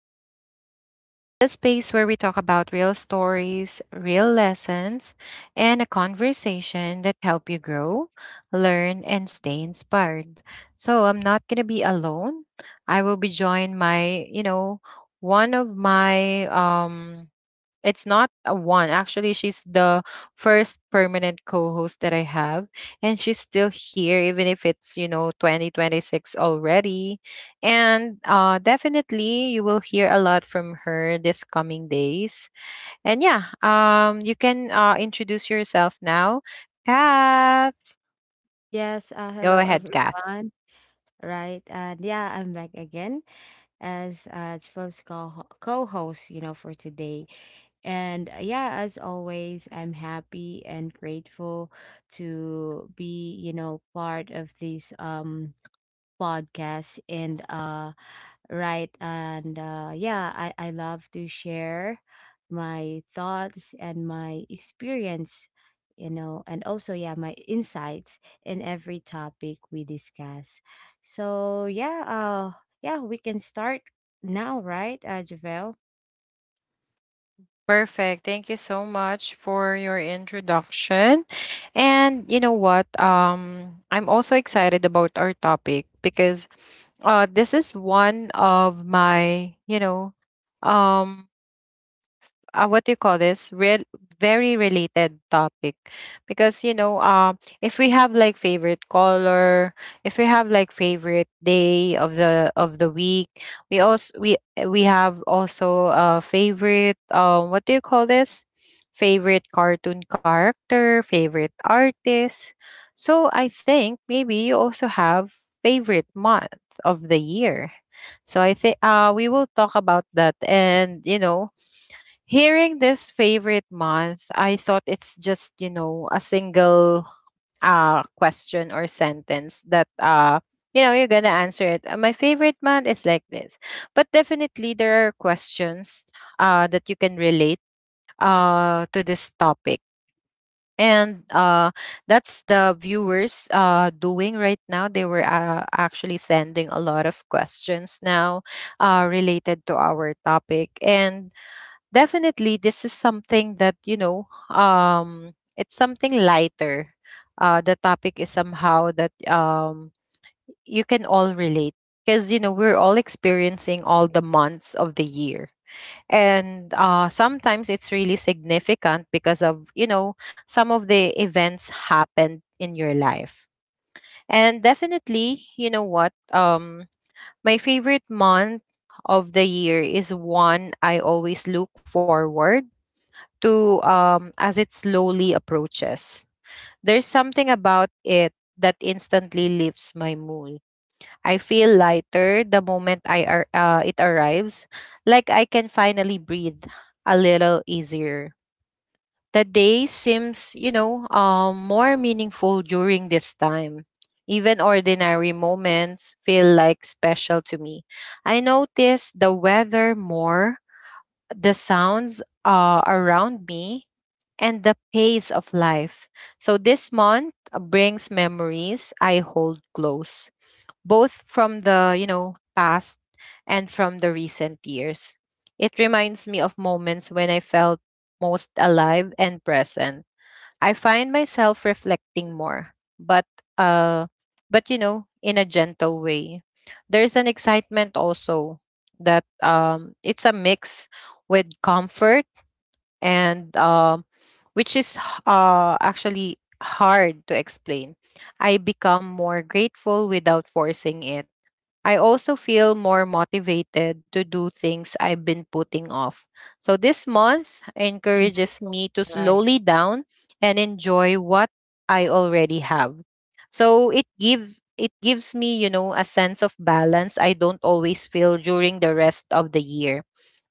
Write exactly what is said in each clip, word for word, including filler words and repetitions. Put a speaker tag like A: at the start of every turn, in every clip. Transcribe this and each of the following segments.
A: Ring the Bell, the space where we talk about real stories, real lessons, and a conversation that help you grow, learn, and stay inspired. So I'm not gonna be alone. I will be joined my, you know, one of my um it's not a one. Actually, she's the first permanent co-host that I have, and she's still here, even if it's you know twenty twenty-six already. And uh, Definitely, you will hear a lot from her this coming days. And yeah, um, you can uh, introduce yourself now, Kath.
B: Yes, uh,
A: Go
B: hello
A: ahead, Kath.
B: everyone. Right, and yeah, I'm back again as uh, Jeff's co co-host, you know, for today. And uh, yeah, as always, I'm happy and grateful to be, you know, part of this um podcast. And uh, right, and uh, yeah, I, I love to share my thoughts and my experience, you know and also, yeah, my insights in every topic we discuss. So yeah, uh yeah, we can start now, right, uh, Javel?
A: Perfect. Thank you so much for your introduction. And you know what? Um, I'm also excited about our topic because uh, this is one of my, you know, um, uh, what do you call this, real very related topic because you know um if we have like favorite color, if we have like favorite day of the of the week, we also we we have also a favorite, um what do you call this, favorite cartoon character, favorite artist. So I think maybe you also have favorite month of the year. So I think uh we will talk about that. And you know, hearing this favorite month, I thought it's just, you know, a single uh question or sentence that uh you know, you're gonna answer it. "Uh, My favorite month is like this." But definitely there are questions uh that you can relate uh to this topic. And uh that's the viewers uh doing right now. They were uh, actually sending a lot of questions now uh related to our topic. And definitely, this is something that, you know, um, it's something lighter. Uh, the topic is somehow that um, you can all relate because, you know, we're all experiencing all the months of the year. And uh, sometimes it's really significant because of, you know, some of the events happened in your life. And definitely, you know what? Um, my favorite month of the year is one I always look forward to, um, as it slowly approaches. There's something about it that instantly lifts my mood. I feel lighter the moment I ar- uh, it arrives, like I can finally breathe a little easier. The day seems, you know, um, more meaningful during this time. Even ordinary moments feel like special to me. I notice the weather more, the sounds uh, around me, and the pace of life. So this month uh, brings memories I hold close, both from the, you know, past and from the recent years. It reminds me of moments when I felt most alive and present. I find myself reflecting more, but uh, but you know, in a gentle way. There's an excitement also that, um, it's a mix with comfort and um, which is h- uh, actually hard to explain. I become more grateful without forcing it. I also feel more motivated to do things I've been putting off. So this month encourages me to
B: Right.
A: slowly down and enjoy what I already have. So it gives it gives me, you know, a sense of balance I don't always feel during the rest of the year.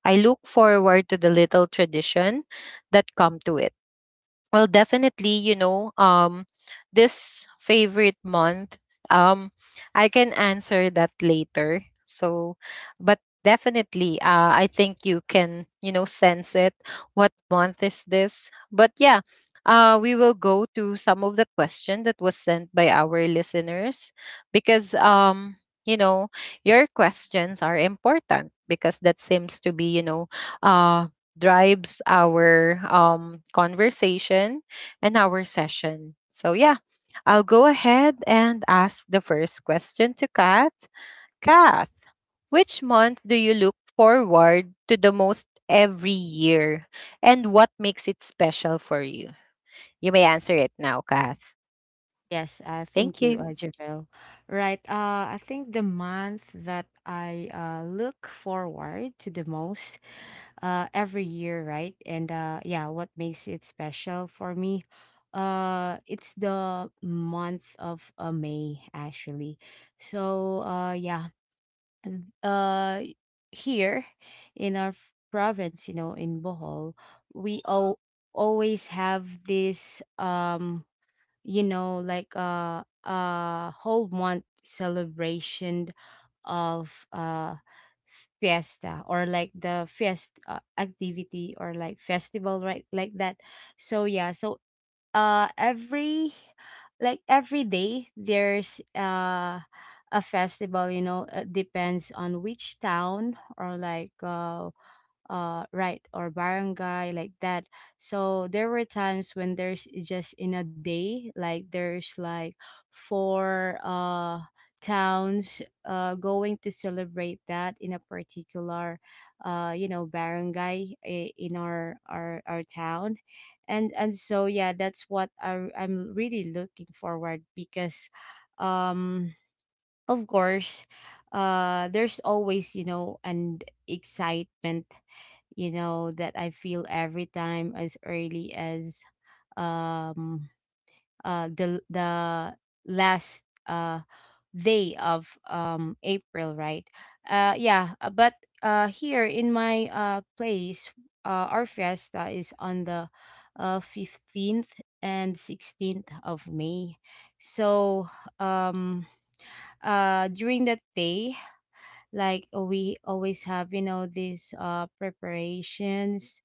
A: I look forward to the little tradition that come to it. Well, definitely, you know, um, this favorite month, um, I can answer that later. So, but definitely, uh, I think you can, you know, sense it. What month is this? But yeah, uh, we will go to some of the question that was sent by our listeners because, um, you know, your questions are important because that seems to be, you know, uh, drives our um, conversation and our session. So, yeah, I'll go ahead and ask the first question to Kath. Kath, which month do you look forward to the most every year and what makes it special for you? You may answer it now, Kath.
B: Yes, uh,
A: Thank
B: thank
A: you.
B: you, uh, Javel. Right. uh, I think the month that I uh, look forward to the most uh, every year, right? And uh, yeah, what makes it special for me? Uh, it's the month of uh, May, actually. So uh, yeah, and, uh, here in our f- province, you know, in Bohol, we all always have this. Um, you know like a a whole month celebration of uh fiesta, or like the fiest uh, activity, or like festival, right, like that. So yeah, so uh every, like, every day there's uh a festival, you know it depends on which town, or like, uh uh right, or barangay, like that. So there were times when there's just in a day, like there's like four uh towns uh going to celebrate that in a particular, uh you know barangay, i- in our our, our town. And and so yeah, that's what I, I'm really looking forward, because um of course, uh, there's always, you know, an excitement, you know, that I feel every time as early as um uh the the last uh day of um April, right? Uh yeah, uh, but uh here in my uh place, uh our fiesta is on the uh fifteenth and sixteenth of May. So, um uh during that day, like, we always have, you know these uh preparations,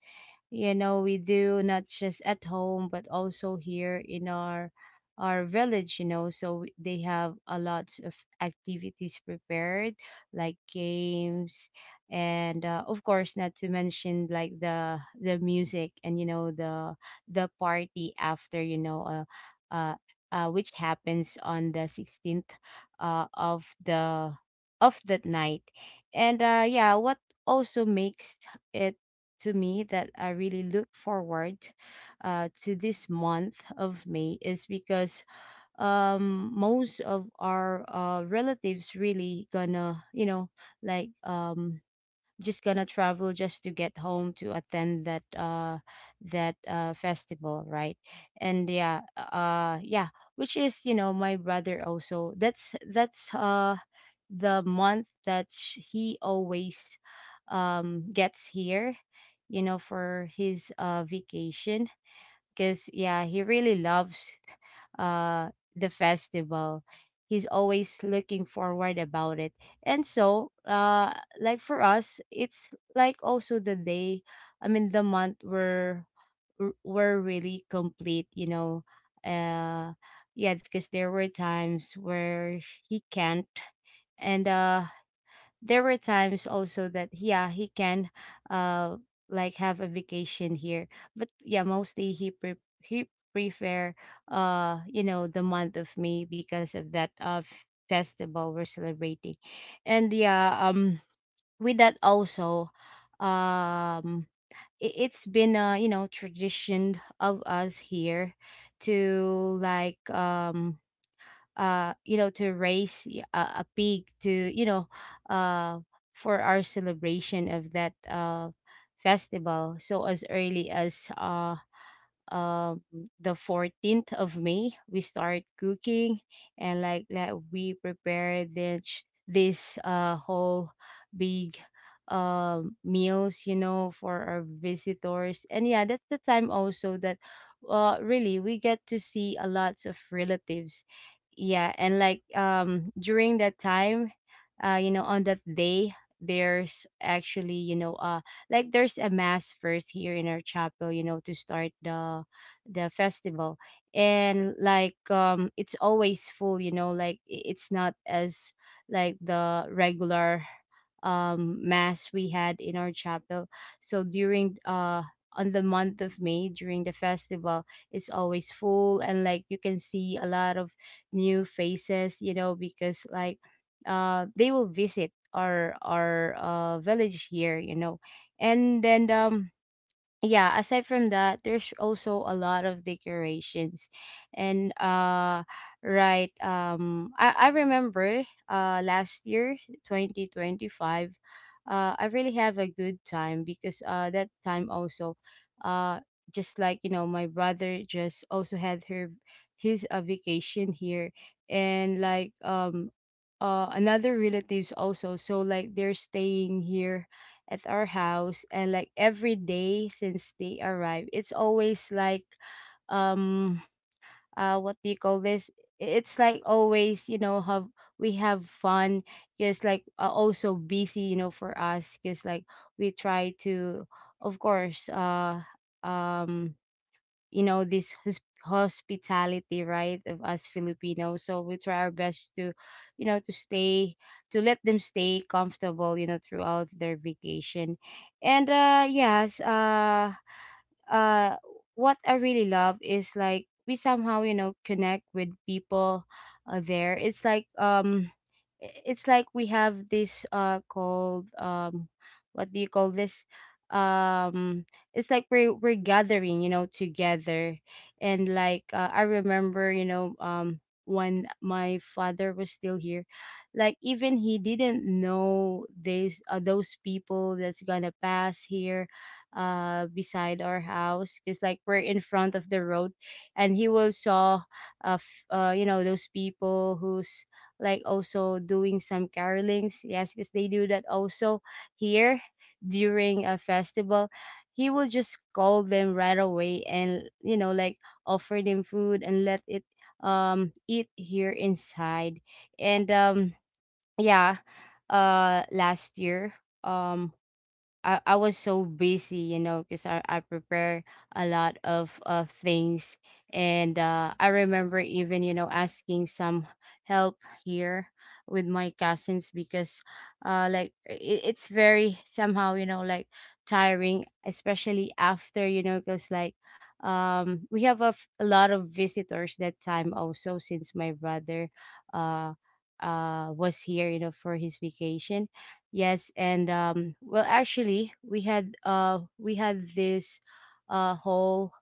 B: you know we do not just at home, but also here in our our village, you know so we- they have a lot of activities prepared, like games, and uh, of course, not to mention, like, the the music and, you know the the party after, you know uh, uh, uh which happens on the sixteenth uh of the of that night. And uh yeah, what also makes it to me that I really look forward, uh, to this month of May, is because um, most of our uh, relatives really gonna, you know like um, just gonna travel just to get home to attend that, uh that uh festival, right. And yeah, uh yeah, which is, you know my brother also, that's that's uh the month that sh- he always um gets here, you know for his uh vacation, because yeah, he really loves uh the festival, he's always looking forward about it. And so, uh like, for us it's, like, also the day, I mean, the month were were really complete, you know uh yeah, because there were times where he can't, and uh there were times also that yeah, he can, uh like, have a vacation here. But yeah, mostly he pre- he prefer uh you know the month of May, because of that, uh f- festival we're celebrating. And yeah, um with that also, um i- it's been a, you know tradition of us here, to, like, um uh you know to raise, y- a, a pig, to, you know uh for our celebration of that uh festival. So as early as uh um the fourteenth of May, we start cooking. And, like that, we prepare this this uh whole big um meals, you know for our visitors. And yeah, that's the time also that uh really we get to see a lot of relatives. Yeah, and like, um during that time, uh you know on that day, there's actually, you know uh like, there's a mass first here in our chapel, you know to start the the festival. And like, um it's always full, you know like, i- it's not as like the regular um mass we had in our chapel. So during, uh on the month of May, during the festival, it's always full, and like, you can see a lot of new faces, you know because like, uh they will visit our our uh village here you know And then, um yeah, aside from that, there's also a lot of decorations. And uh right, um i, I remember uh last year, twenty twenty-five, uh I really have a good time, because uh that time also, uh just like, you know my brother just also had her his, uh, vacation here. And like, um uh another relatives also, so like they're staying here at our house. And like, every day since they arrive, it's always like, um uh what do you call this, it's like, always, you know have we have fun. Because like, uh, also busy, you know for us, because like, we try to, of course, uh um you know this, hos- hospitality, right, of us Filipinos. So we try our best to, you know to stay to let them stay comfortable, you know throughout their vacation. And uh yes, uh uh what I really love is, like, we somehow, you know connect with people, uh, there. It's like, um i- it's like we have this uh called, um what do you call this, um it's like we're we're gathering, you know together. And like, uh, I remember, you know um when my father was still here, like, even he didn't know these, uh, those people that's gonna pass here, uh beside our house, because like we're in front of the road. And he will saw, uh, f- uh you know those people who's, like, also doing some carolings, yes, because they do that also here during a festival. He will just call them right away, and, you know like, offer them food and let it um eat here inside. And, um yeah, uh last year, um I, I was so busy, you know, because I, I prepare a lot of, of things. And uh, I remember, even, you know, asking some help here with my cousins, because, uh, like, it, it's very somehow, you know, like, tiring, especially after, you know, because, like, um, we have a, f- a lot of visitors that time also, since my brother uh, uh, was here, you know, for his vacation. Yes, and, um, well, actually, we had uh, we had this uh, whole,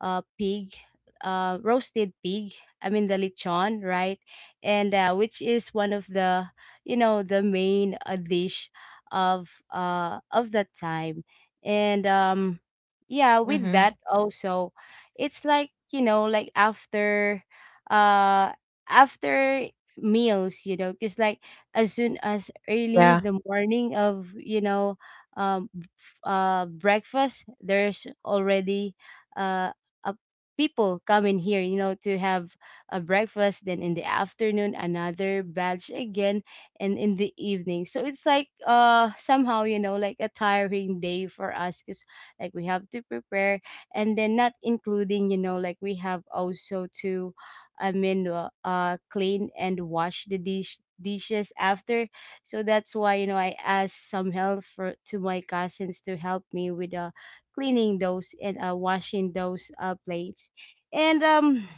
B: uh, pig, uh, roasted pig. I mean, the lechon, right? And uh, which is one of the you know the main, uh, dish, of uh, of that time. And, um, yeah, with
A: Mm-hmm.
B: that also, it's like, you know like, after uh after meals, you know because like, as soon as
A: Yeah.
B: early the morning of, you know um f- uh breakfast, there's already, uh uh, people come in here, you know, to have a breakfast. Then in the afternoon, another batch again, and in the evening. So it's like, uh somehow, you know like a tiring day for us, because like we have to prepare, and then not including, you know like, we have also to, I mean, uh, uh clean and wash the dish dishes after. So that's why, you know I asked some help for to my cousins, to help me with the cleaning those, and uh, washing those uh, plates. And, um,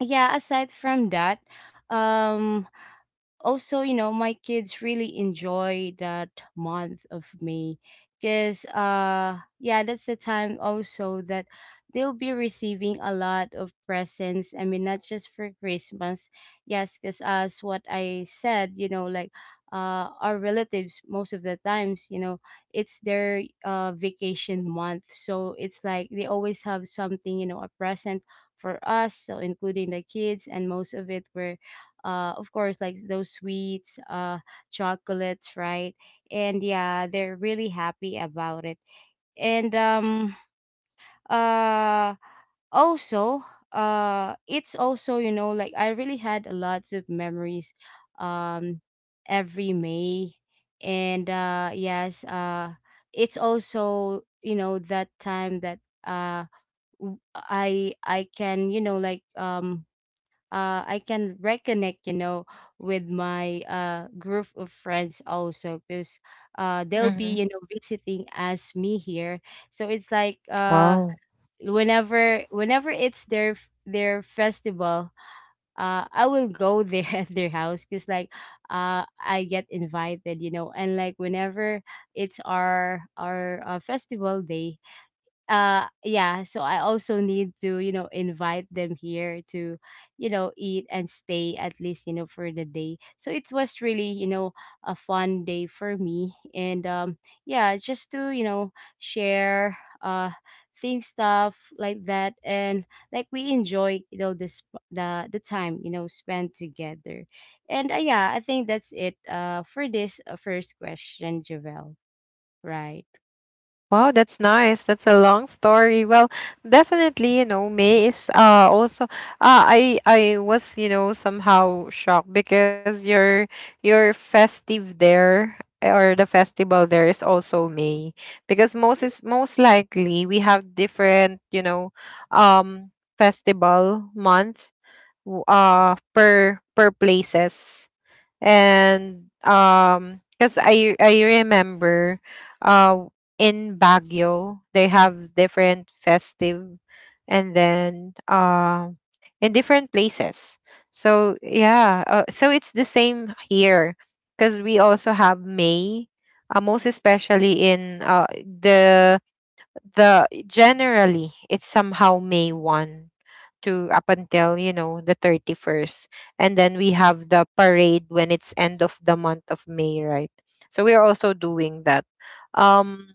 B: yeah, aside from that, um, also, you know my kids really enjoy that month of May. Because uh yeah, that's the time also that they'll be receiving a lot of presents, I mean, not just for Christmas. Yes, because as what I said, you know like, uh our relatives most of the times, you know, it's their uh vacation month, so it's like they always have something, you know a present for us, so including the kids. And most of it were, uh of course, like those sweets, uh chocolates, right. And yeah, they're really happy about it. And, um uh also, uh it's also, you know, like, I really had a lots of memories, um every May. And uh yes, uh it's also, you know, that time that, uh w- i i can, you know like um uh, I can reconnect, you know, with my, uh, group of friends also, because uh, they'll
A: Mm-hmm.
B: be, you know, visiting as me here. So it's like uh,
A: Wow.
B: whenever whenever it's their f- their festival, uh, I will go there at their house because like uh, I get invited, you know, and like whenever it's our our uh, festival day, uh yeah so I also need to you know invite them here to you know eat and stay at least you know for the day. So it was really you know a fun day for me. And um yeah just to you know share uh theme stuff like that. And like we enjoy you know this the the time you know spent together. And uh, yeah I think that's it uh for this uh, first question, Javel, right?
A: Wow, that's nice. That's a long story. Well, definitely, you know, May is uh also, uh I I was, you know, somehow shocked because your your festive there or the festival there is also May, because most is most likely we have different, you know, um festival month w- uh per per places. And um because I I remember uh in Baguio they have different festive, and then uh in different places. So yeah, uh, so it's the same here because we also have May, uh, most especially in uh the the generally it's somehow May one to up until you know the thirty-first, and then we have the parade when it's end of the month of May, right? So we're also doing that. um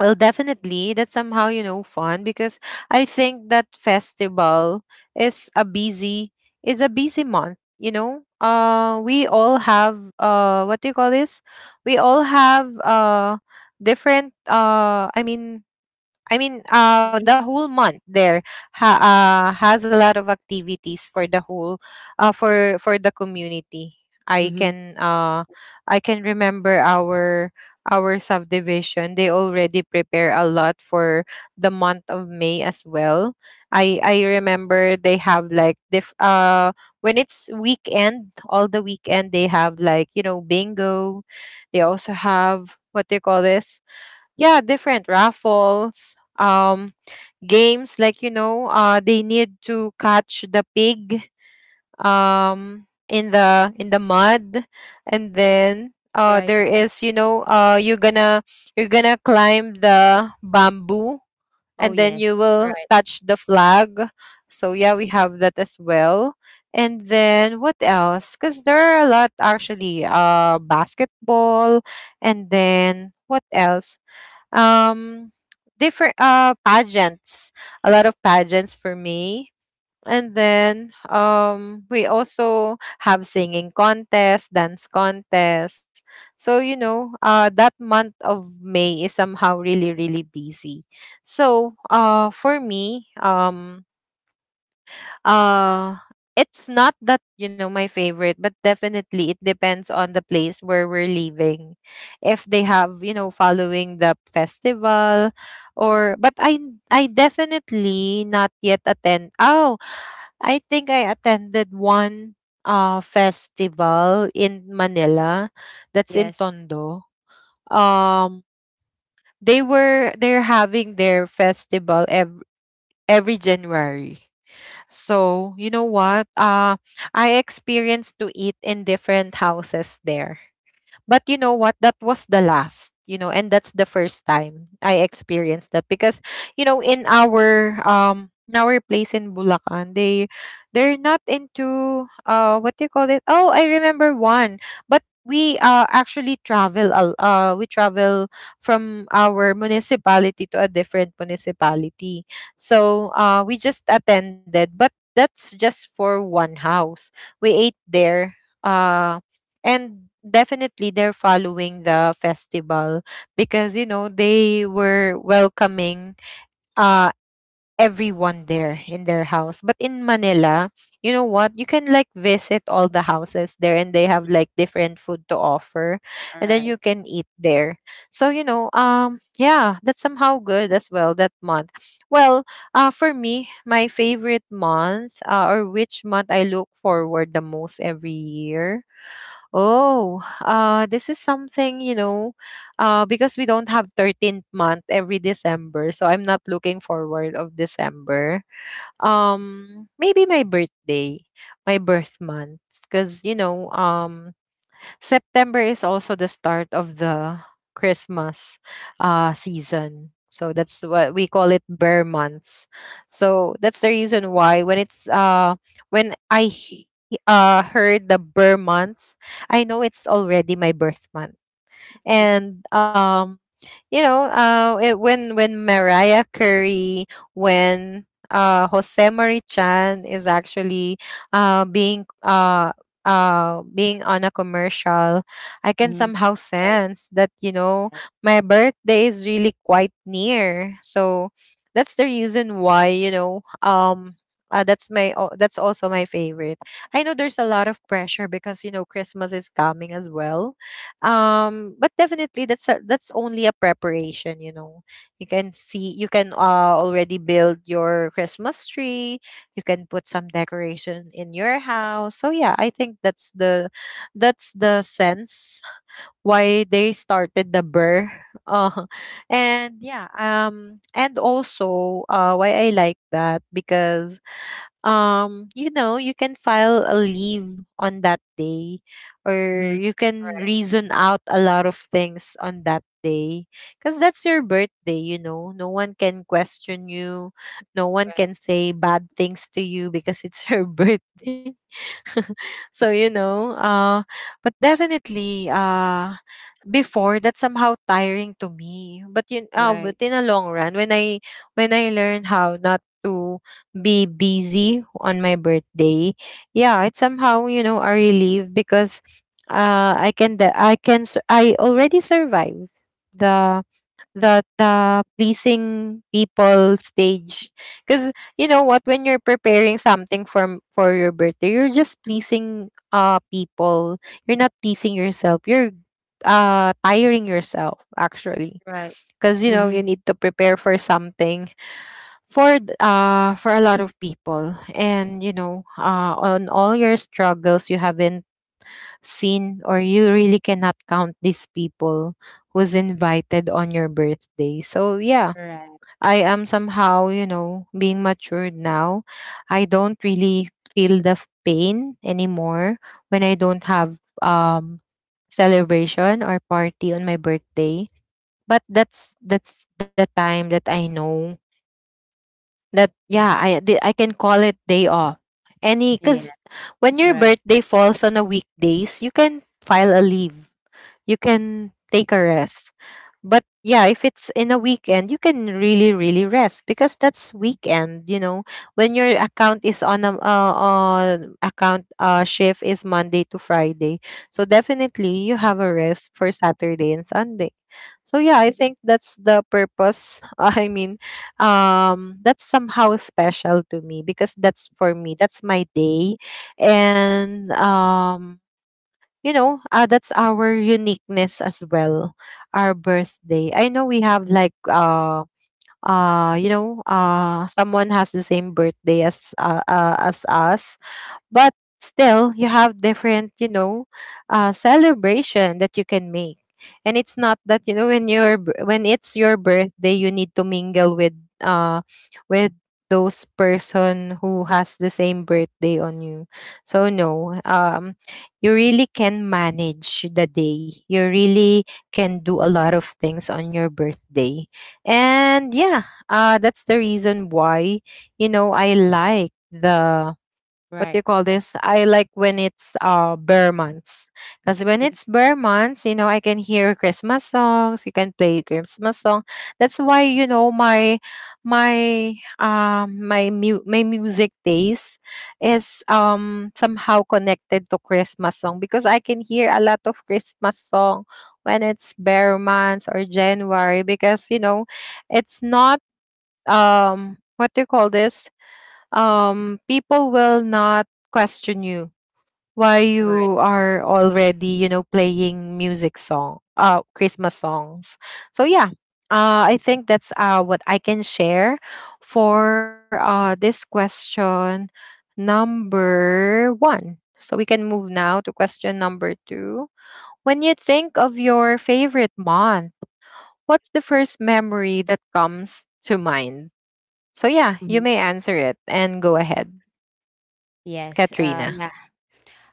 A: well definitely that's somehow you know fun because I think that festival is a busy is a busy month. You know, uh we all have, uh what do you call this, we all have uh different uh I mean I mean, uh,
B: Mhm.
A: the whole month there ha- uh, has a lot of activities for the whole, uh, for for the community. I
B: Mm-hmm.
A: can uh, I can remember our our subdivision. They already prepare a lot for the month of May as well. I I remember they have like diff uh when it's weekend, all the weekend they have like you know bingo. They also have what they call this, yeah, different raffles, um games, like you know uh they need to catch the pig um in the in the mud, and then
B: All
A: uh
B: right.
A: there is you know uh you're gonna you're gonna climb the bamboo
B: Oh,
A: and then
B: yes.
A: you will
B: Right.
A: touch the flag. So yeah, we have that as well. And then what else, because there are a lot, actually uh basketball, and then what else, um different uh pageants, a lot of pageants for me. And then um we also have singing contest, dance contest. So you know uh that month of May is somehow really really busy. So uh for me, um uh it's not that you know my favorite, but definitely it depends on the place where we're leaving, if they have you know following the festival. Or, but i i definitely not yet attend. Oh, I think I attended one uh festival in Manila, that's in
B: Yes.
A: Tondo. um they were they're having their festival every every January. So, you know what? Uh, I experienced to eat in different houses there. But you know what? That was the last, you know, and that's the first time I experienced that because, you know, in our um in our place in Bulacan, they they're not into uh what do you call it? Oh, I remember one. But we uh actually travel a- uh we travel from our municipality to a different municipality. So uh we just attended, but that's just for one house. We ate there. uh, and definitely they're following the festival because you know they were welcoming uh everyone there in their house. But in Manila, you know what, you can like visit all the houses there and they have
B: Mhm.
A: like different food to offer,
B: All
A: and then you
B: right.
A: can eat there. So you know, um yeah, that's somehow good as well, that month. Well, uh for me, my favorite month, uh, or which month I look forward the most every year. Oh, uh, this is something, you know, uh, because we don't have thirteenth month every December, so I'm not looking forward of December. Um, maybe my birthday, my birth month, because, you know, um, September is also the start of the Christmas uh, season. So that's what we call it bear months. So that's the reason why when it's uh when I he- uh heard the bear months, I know it's already my birth month.
B: Mhm.
A: And um you know uh it, when when Mariah Carey, when uh Jose Marichan is actually uh being uh uh being on a commercial, I can
B: Mhm.
A: somehow
B: Right.
A: sense that you know
B: Yes.
A: my birthday is really quite near. So that's the reason why you know, um uh, that's my al- that's also my favorite. I know there's a lot of pressure because you know Christmas is coming as well. um, but definitely that's a, that's only a preparation, you know. You can see you can uh already build your Christmas tree, you can put some decoration in your house. So yeah, I think that's the that's the sense why they started the burr. Uh, and yeah, um and also uh why I like that, because um you know you can file a leave on that day, or
B: Mhm.
A: you can
B: Right.
A: reason out a lot of things on that day because that's your birthday, you know no one can question you, no one
B: Right.
A: can say bad things to you because it's your birthday. so you know uh but definitely, uh
B: Mhm.
A: before, that's somehow tiring to me, but you uh, but
B: Right.
A: in a long run, when i when i learn how not to be busy on my birthday, yeah, it's somehow, you know, a relief because uh I can de- I can sur- I already survive the the the pleasing people stage. Because, you know what, when you're preparing something for for your birthday, you're just pleasing uh people. You're not pleasing yourself, you're uh tiring yourself, actually.
B: Right.
A: Because, you know, you
B: Mhm.
A: need to prepare for something for th- uh for a lot of people, and you know uh on all your struggles, you haven't seen or you really cannot count these people who's invited on your birthday. So yeah,
B: Right.
A: I am somehow, you know, being matured now. I don't really feel the f- pain anymore when I don't have um celebration or party on my birthday. But that's that's the time that I know that, yeah, I di- I can call it day off. Any
B: Yeah.
A: cuz when your
B: Right.
A: birthday falls on a weekdays, you can file a leave, you can take a rest. But yeah, if it's in a weekend, you can really, really rest because that's weekend. You know, when your account is on a, uh, on account, uh, shift is Monday to Friday, so definitely you have a rest for Saturday and Sunday. So yeah, I think that's the purpose. I mean, um, that's somehow special to me because that's for me. That's my day, and um you know, uh, that's our uniqueness as well. Our birthday. I know we have like uh uh you know uh someone has the same birthday as uh, uh as us, but still you have different, you know, uh, celebration that you can make, and it's not that, you know, when your b- when it's your birthday you need to mingle with uh with those person who has the same birthday on you. So no, um you really can manage the day, you really can do a lot of things on your birthday. And yeah, uh that's the reason why, you know, I like the — what do
B: Right.
A: you call this? I like when it's uh bear months. Because when
B: Mhm.
A: it's bear months, you know, I can hear Christmas songs, you can play Christmas song. That's why, you know, my my um my mu- my music taste is um somehow connected to Christmas song because I can hear a lot of Christmas song when it's bear months or January. Because, you know, it's not, um what do you call this, um people will not question you why
B: Right.
A: you are already, you know, playing music song, uh christmas songs. So yeah, uh I think that's uh what I can share for uh this question number one, so we can move now to question number two. When you think of your favorite month, what's the first memory that comes to mind? So yeah, you
B: Mhm.
A: may answer it and go ahead,
B: Yes. Uh,
A: Katrina.
B: yeah.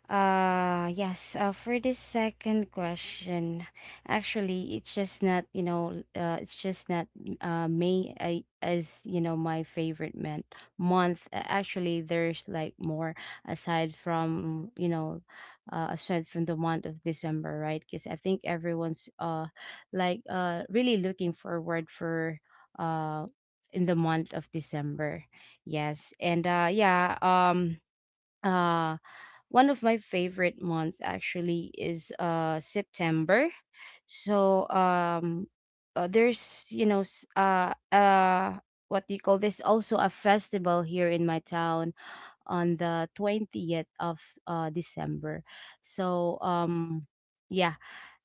B: Uh yes, uh, for this second question, actually it's just not, you know, uh, it's just not uh May I, as, you know, my favorite man month. Uh, Actually, there's like more aside from, you know, uh, aside from the month of December, right? Because I think everyone's uh like uh really looking forward for uh in the month of December. Yes. And uh yeah, um uh one of my favorite months actually is uh September. So um uh, there's you know s- uh uh what do you call this, also a festival here in my town on the twentieth of uh, December. So um yeah.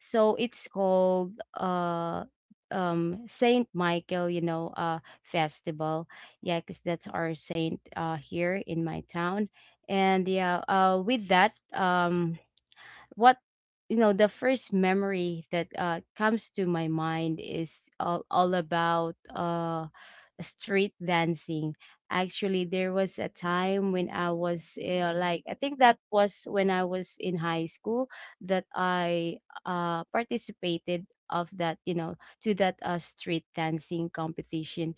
B: So it's called uh um Saint Michael, you know, uh festival. Yeah, cuz that's our saint uh here in my town. And yeah, uh with that um what, you know, the first memory that uh, comes to my mind is all, all about uh street dancing. Actually there was a time when I was uh, like I think that was when I was in high school, that I uh participated of that you know to that uh, street dancing competition.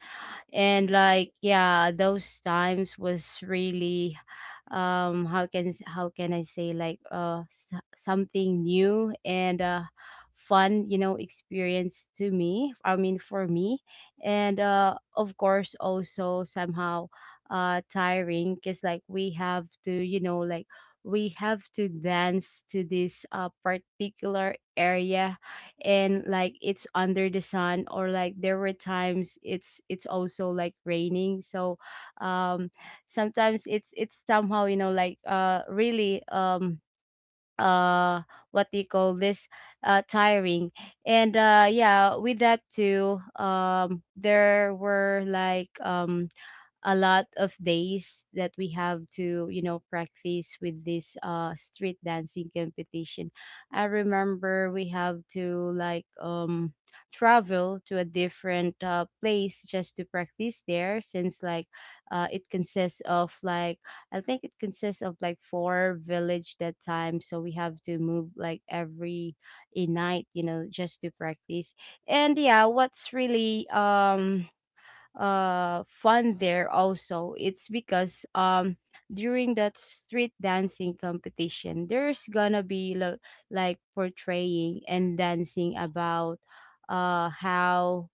B: And like yeah, those times was really um how can s- how can I say, like uh s- something new and uh fun, you know, experience to me, I mean for me. And uh of course also somehow uh tiring, because like we have to you know like we have to dance to this uh particular area. And like it's under the sun or like there were times it's it's also like raining. so um sometimes it's it's somehow you know like uh really um uh what do you call this, uh tiring. And uh yeah with that too um there were like um a lot of days that we have to you know practice with this uh street dancing competition. I remember we have to like um travel to a different uh, place just to practice there, since like uh, it consists of like, I think it consists of like four village that time, so we have to move like every a night, you know, just to practice. And yeah, what's really um uh fun there also, it's because um during that street dancing competition there's gonna be lo- like portraying and dancing about uh how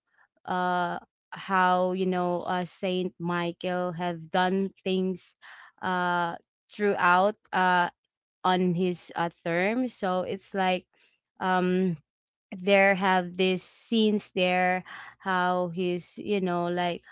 B: uh how, you know, uh Saint Michael have done things uh throughout uh on his uh, term. So it's like um there have these scenes there, how he's you know like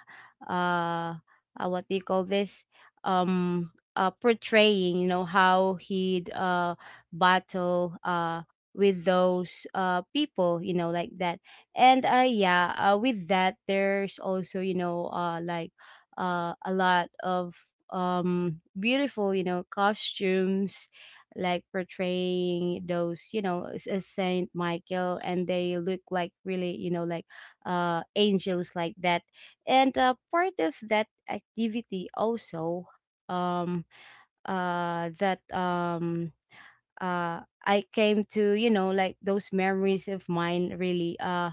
B: uh, uh what do you call this, um uh portraying, you know, how he'd uh battle uh with those uh people, you know, like that. And uh yeah uh, with that there's also you know uh like uh a lot of um beautiful, you know, costumes, like portraying those you know s- as Saint Michael, and they look like really you know like uh angels like that. And uh, part of that activity also, um uh that um uh I came to you know like those memories of mine really, uh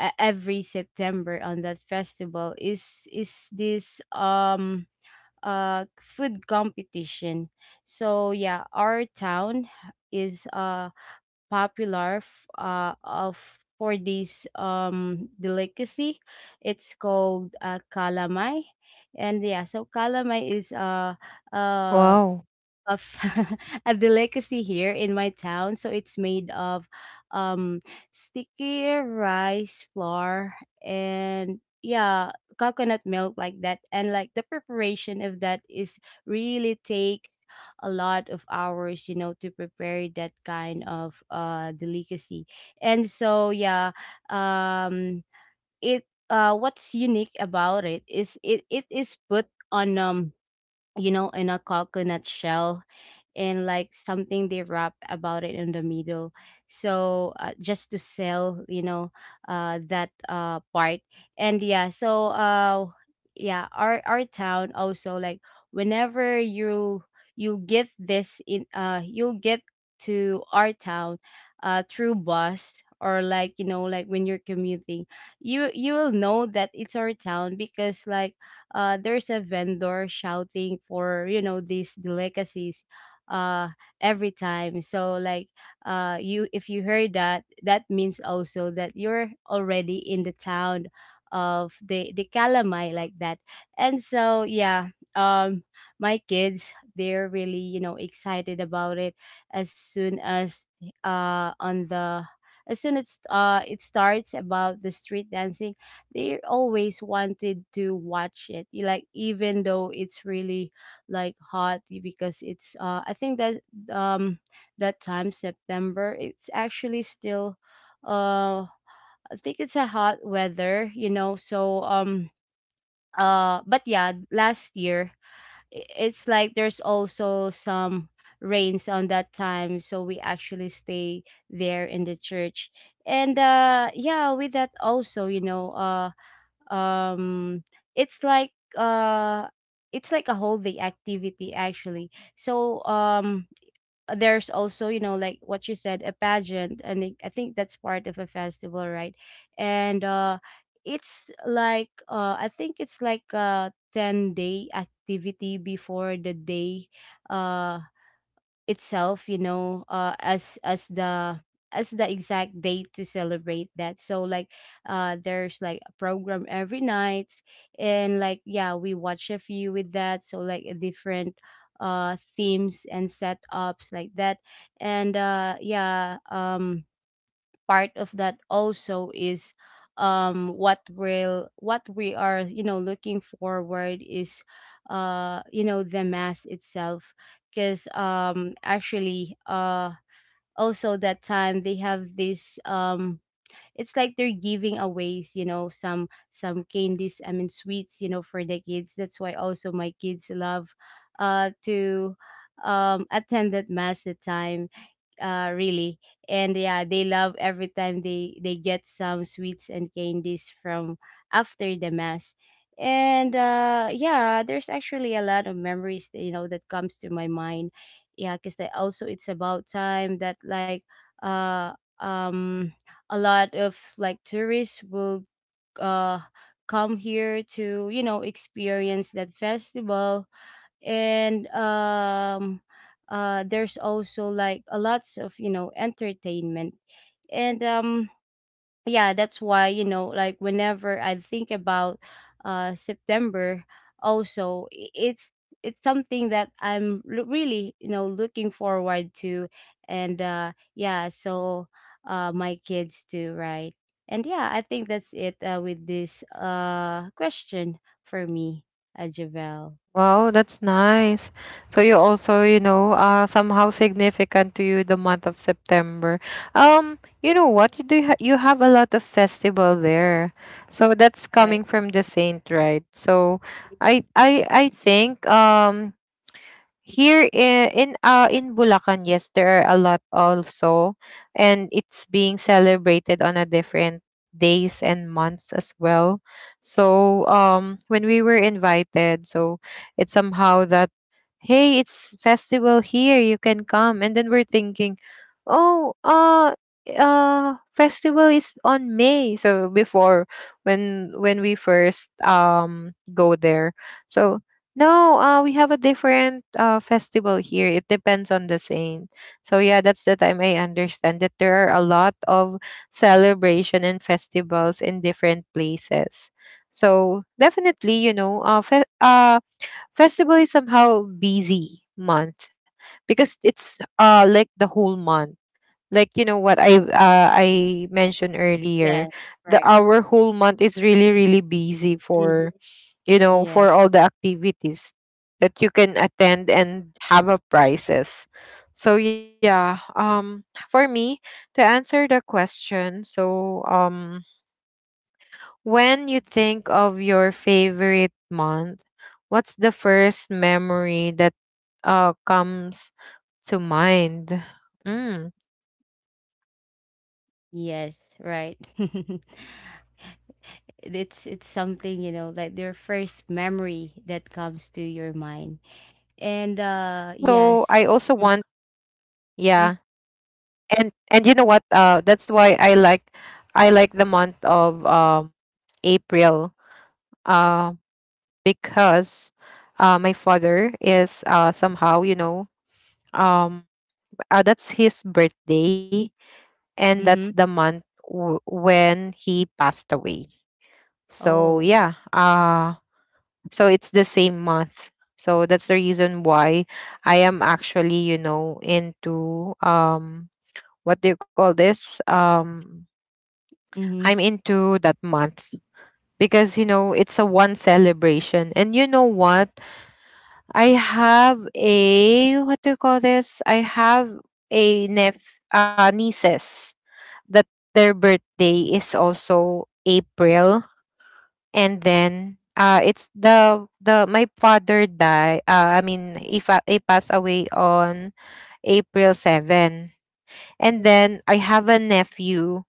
B: e- every September, on that festival is is this um uh food competition. So yeah, our town is uh popular f- uh of, for this um delicacy. It's called uh, kalamay. And yeah, so kalamay is uh, uh
A: Wow.
B: of a delicacy here in my town. So it's made of um sticky rice flour and yeah, coconut milk like that. And like the preparation of that is really takes a lot of hours, you know, to prepare that kind of uh delicacy. And so yeah, um it uh what's unique about it is it it is put on um you know, in a coconut shell, and like something they wrap about it in the middle, so uh, just to sell you know uh that uh part. And yeah so uh yeah, our our town also, like whenever you, you get this in uh you'll get to our town uh through bus, or like you know, like when you're commuting, you you will know that it's our town because like uh, there's a vendor shouting for you know these delicacies uh every time. So like uh you if you heard that, that means also that you're already in the town of the the calamai like that. And so yeah, um my kids, they're really you know excited about it. As soon as uh on the as soon as uh it starts about the street dancing, they always wanted to watch it, y- like, even though it's really like hot, y- because it's uh I think that um that time September, it's actually still uh I think it's a hot weather, you know. So um uh but yeah, last year, i- it's like there's also some rains on that time, so we actually stay there in the church. And uh yeah with that also you know uh um it's like uh it's like a whole day activity actually. So um there's also you know like what you said, a pageant, and i I think that's part of a festival, right? And uh it's like uh I think it's like a ten day activity before the day uh itself, you know, uh as as the as the exact date to celebrate that. So like uh there's like a program every night, and like yeah we watch a few with that, so like a different uh themes and setups like that. And uh yeah um part of that also is, um what will, what we are you know looking forward is, uh you know the mass itself. Because um actually uh also that time they have this um it's like they're giving aways you know some some candies, I mean sweets, you know, for the kids. That's why also my kids love uh to um attend that mass that time uh really. And yeah they love every time they they get some sweets and candies from after the mass. And uh yeah there's actually a lot of memories that you know that comes to my mind. Yeah, because also it's about time that like uh um a lot of like tourists will uh come here to you know experience that festival. And um uh there's also like a lots of you know entertainment. And um yeah that's why you know like whenever I think about uh September, also i- it's it's something that i'm lo- really you know looking forward to. And uh yeah so uh my kids too, right? And yeah I think that's it uh, with this uh question for me, uh, Javel.
A: Wow, that's nice. So, you also, you know, uh somehow significant to you, the month of September. Um, you know what? You do ha- you have a lot of festival there. So that's
B: Right.
A: coming from the saint, right? So I I I think, um here in in, uh, in Bulacan, yes, there are a lot also, and it's being celebrated on a different days and months as well. So um, when we were invited, so it's somehow that, hey, it's festival here, you can come, and then we're thinking, oh, uh, uh festival is on May, so before, when when we first um go there. So no, uh, we have a different, uh, festival here. It depends on the saint. So yeah, that's the time I understand that there are a lot of celebration and festivals in different places. So definitely, you know, uh, fe- uh, festival is somehow busy month because it's uh like the whole month. Like, you know what I uh, I mentioned earlier,
B: Yes,
A: the
B: right.
A: our whole month is really, really busy
B: Mhm.
A: for, you know,
B: Yeah.
A: for all the activities that you can attend and have a prizes. So yeah, um for me to answer the question, so um when you think of your favorite month, what's the first memory that uh comes to mind? Mm. Well, uh aside from
B: Yes, right.
A: September, I also I also
B: It's it's
A: want
B: something, you know,
A: April.
B: like their first memory that comes to your
A: Yeah,
B: mind. And uh
A: yeah.
B: yes.
A: and and you know what,
B: Mm-hmm.
A: uh that's why i like I like the month of um April, uh, because uh my father is, uh somehow, you know, um uh, that's his birthday and that's
B: Mm-hmm.
A: the month w- when he passed away. So
B: Oh.
A: yeah, uh so it's the same month. So that's the reason why I am actually, you know, into um what do you call this? Um, I'm
B: Mm-hmm.
A: into that month because, you know, it's a one celebration. And you know what? I have a — what do you call this? I have a nep uh, nieces that their birthday is also April, and then uh it's the the my father died. Uh, I mean, if I, he he passed away on April seventh. And then I have a nephew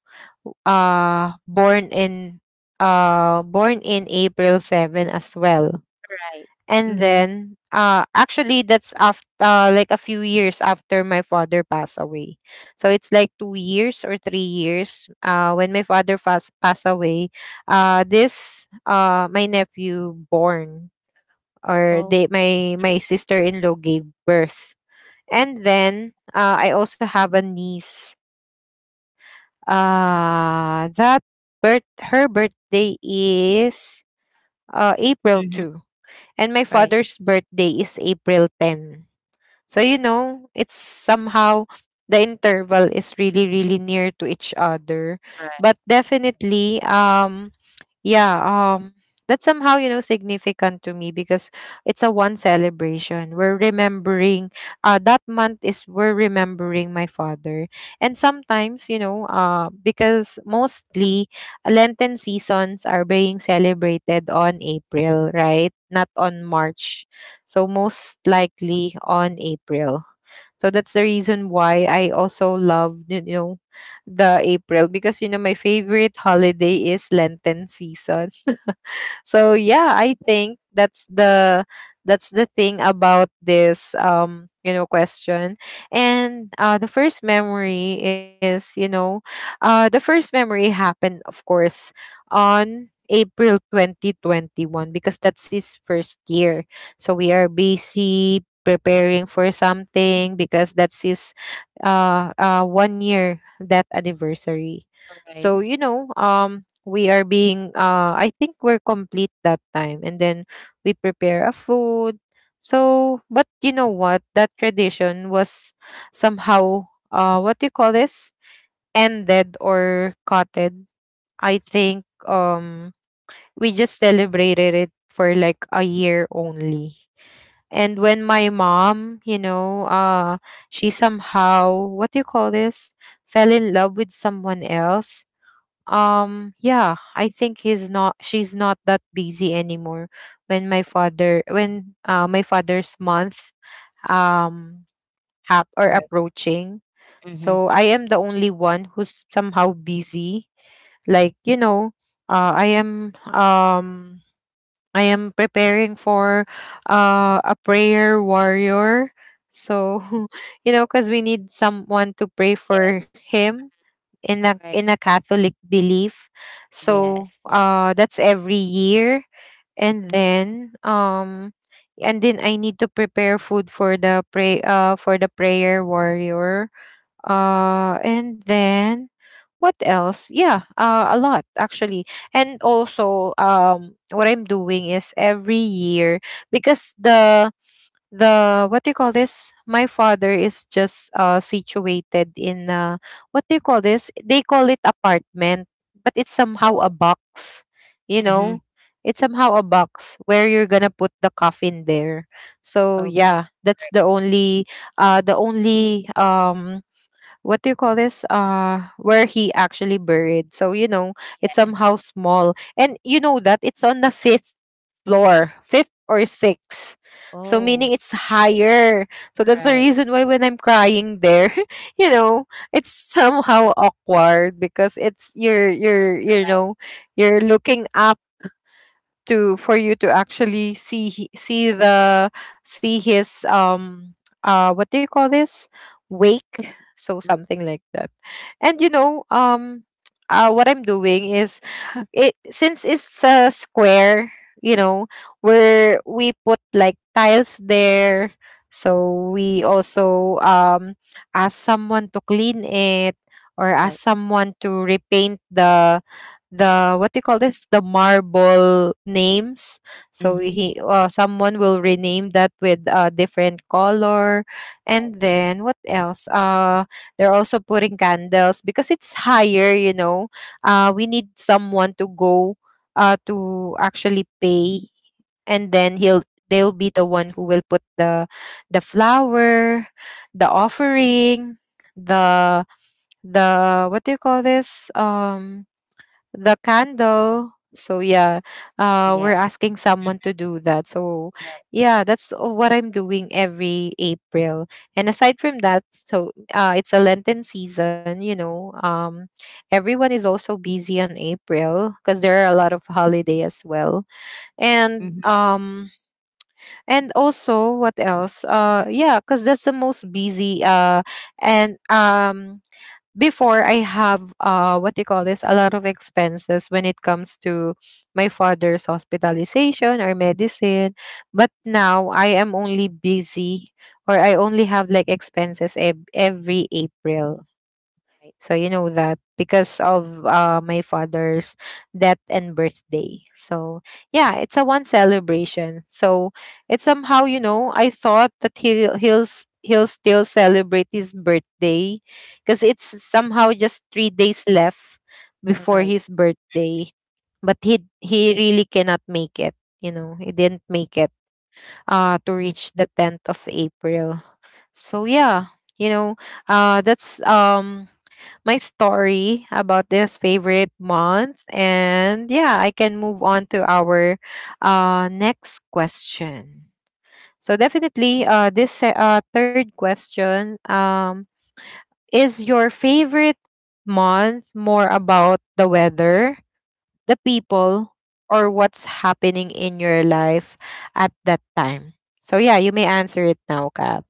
A: uh born in uh born in April seventh as well.
B: Right.
A: And
B: Mm-hmm.
A: then uh actually that's after, uh, like a few years after my father passed away. So it's like 2 years or 3 years uh when my father fas- passed away, uh this uh my nephew born, or
B: Oh.
A: they my my sister-in-law gave birth. And then, uh, I also have a niece. Uh, that birth her birthday is, uh, April second,
B: Mm-hmm.
A: and my father's
B: Right.
A: birthday is April tenth. So, you know, it's somehow the interval is really, really near to each other.
B: Right.
A: But definitely, um yeah um that's somehow, you know, significant to me because it's a one celebration we're remembering. Uh that month is, we're remembering my father, and sometimes, you know, uh because mostly lenten seasons are being celebrated on April, right, not on March, so most likely on April. So that's the reason why I also love, you know, the April because you know my favorite holiday is Lenten season. So yeah, I think that's the that's the thing about this, um you know, question. And uh the first memory is, you know uh the first memory happened, of course, on April twenty twenty-one, because that's his first year. So we are busy preparing for something because that's his, uh, uh one year that anniversary.
B: Right.
A: So, you know, um we are being, uh I think we're complete that time, and then we prepare a food. So, but, you know what, that tradition was somehow, uh what do you call this? Ended or cutted. I think um we just celebrated it for like a year only. And when my mom, you know, uh she somehow, what do you call this, fell in love with someone else. Um yeah, I think he's not she's not that busy anymore when my
B: Right.
A: father when uh, my father's month, um hap or
B: Right.
A: approaching.
B: Mm-hmm.
A: So I am the only one who's somehow busy, like, you know, uh, i am um I am preparing for, uh, a prayer warrior. So you know, because we need someone to pray
B: Yes.
A: for him in a
B: Right.
A: in a Catholic belief. So
B: Yes.
A: uh that's every year. And then um and then I need to prepare food for the pray uh for the prayer warrior. Uh and then what else? Yeah, uh, a lot actually. And also, um what I'm doing is every year, because the the what do you call this, my father is just uh situated in uh what do you call this, they call it apartment, but it's somehow a
B: Oh.
A: box, you know.
B: Mm-hmm.
A: It's somehow a box where you're gonna put the coffin there. So
B: Okay.
A: yeah, that's the only, uh the only um what do you call this, uh where he actually buried. So, you know, it's
B: Yes.
A: somehow small, and you know that it's on the fifth floor, fifth or sixth, so meaning
B: Oh.
A: it's higher. So that's the
B: Right.
A: reason why, when I'm crying there, you know, it's somehow awkward because it's you're you're you
B: Right.
A: know, you're looking up to, for you to actually see he- see the — see his, um uh what do you call this, wake, so something like that. And, you know, um uh, what I'm doing is, it, since it's a square, you know, where we put like tiles there, so we also, um ask someone to clean it, or ask
B: Right.
A: someone to repaint the, the what do you call this, the marble names. So
B: Mm-hmm.
A: he uh, someone will rename that with a different color.
B: Right.
A: And then what else? Uh they're also putting candles. Because it's higher, you know, uh we need someone to go uh to actually pay, and then he'll they'll be the one who will put the — the flower, the offering, the, the what do you call this, um the candle. So yeah, uh, we're
B: Yes.
A: asking someone to do that. So
B: Right.
A: yeah, that's uh, what I'm doing every April. And aside from that, so uh, it's a Lenten season. You know, um, everyone is also busy on April because there are a lot of holiday as well. And
B: Mm-hmm.
A: um, and also what else? Uh, yeah, because that's the most busy. Uh, and um Before I have uh what do you call this a lot of expenses when it comes to my father's hospitalization or medicine, but now I am only busy, or I only have like expenses ev- every April.
B: Right.
A: So you know that because of uh, my father's death and birthday. So yeah, it's a one celebration. So it's somehow, you know, I thought that he he'll s- he'll still celebrate his birthday because it's somehow just three days left
B: All
A: before
B: right.
A: his birthday, but he he really cannot make it. You know he didn't make it uh to reach the tenth of April. So yeah, you know uh that's um my story about this favorite month. And yeah, I can move on to our uh, next question. So definitely, uh, this se- uh, third question, um, is your favorite month more about the weather, the people, or what's happening in your life at that time? So yeah, you may answer it now, Kat.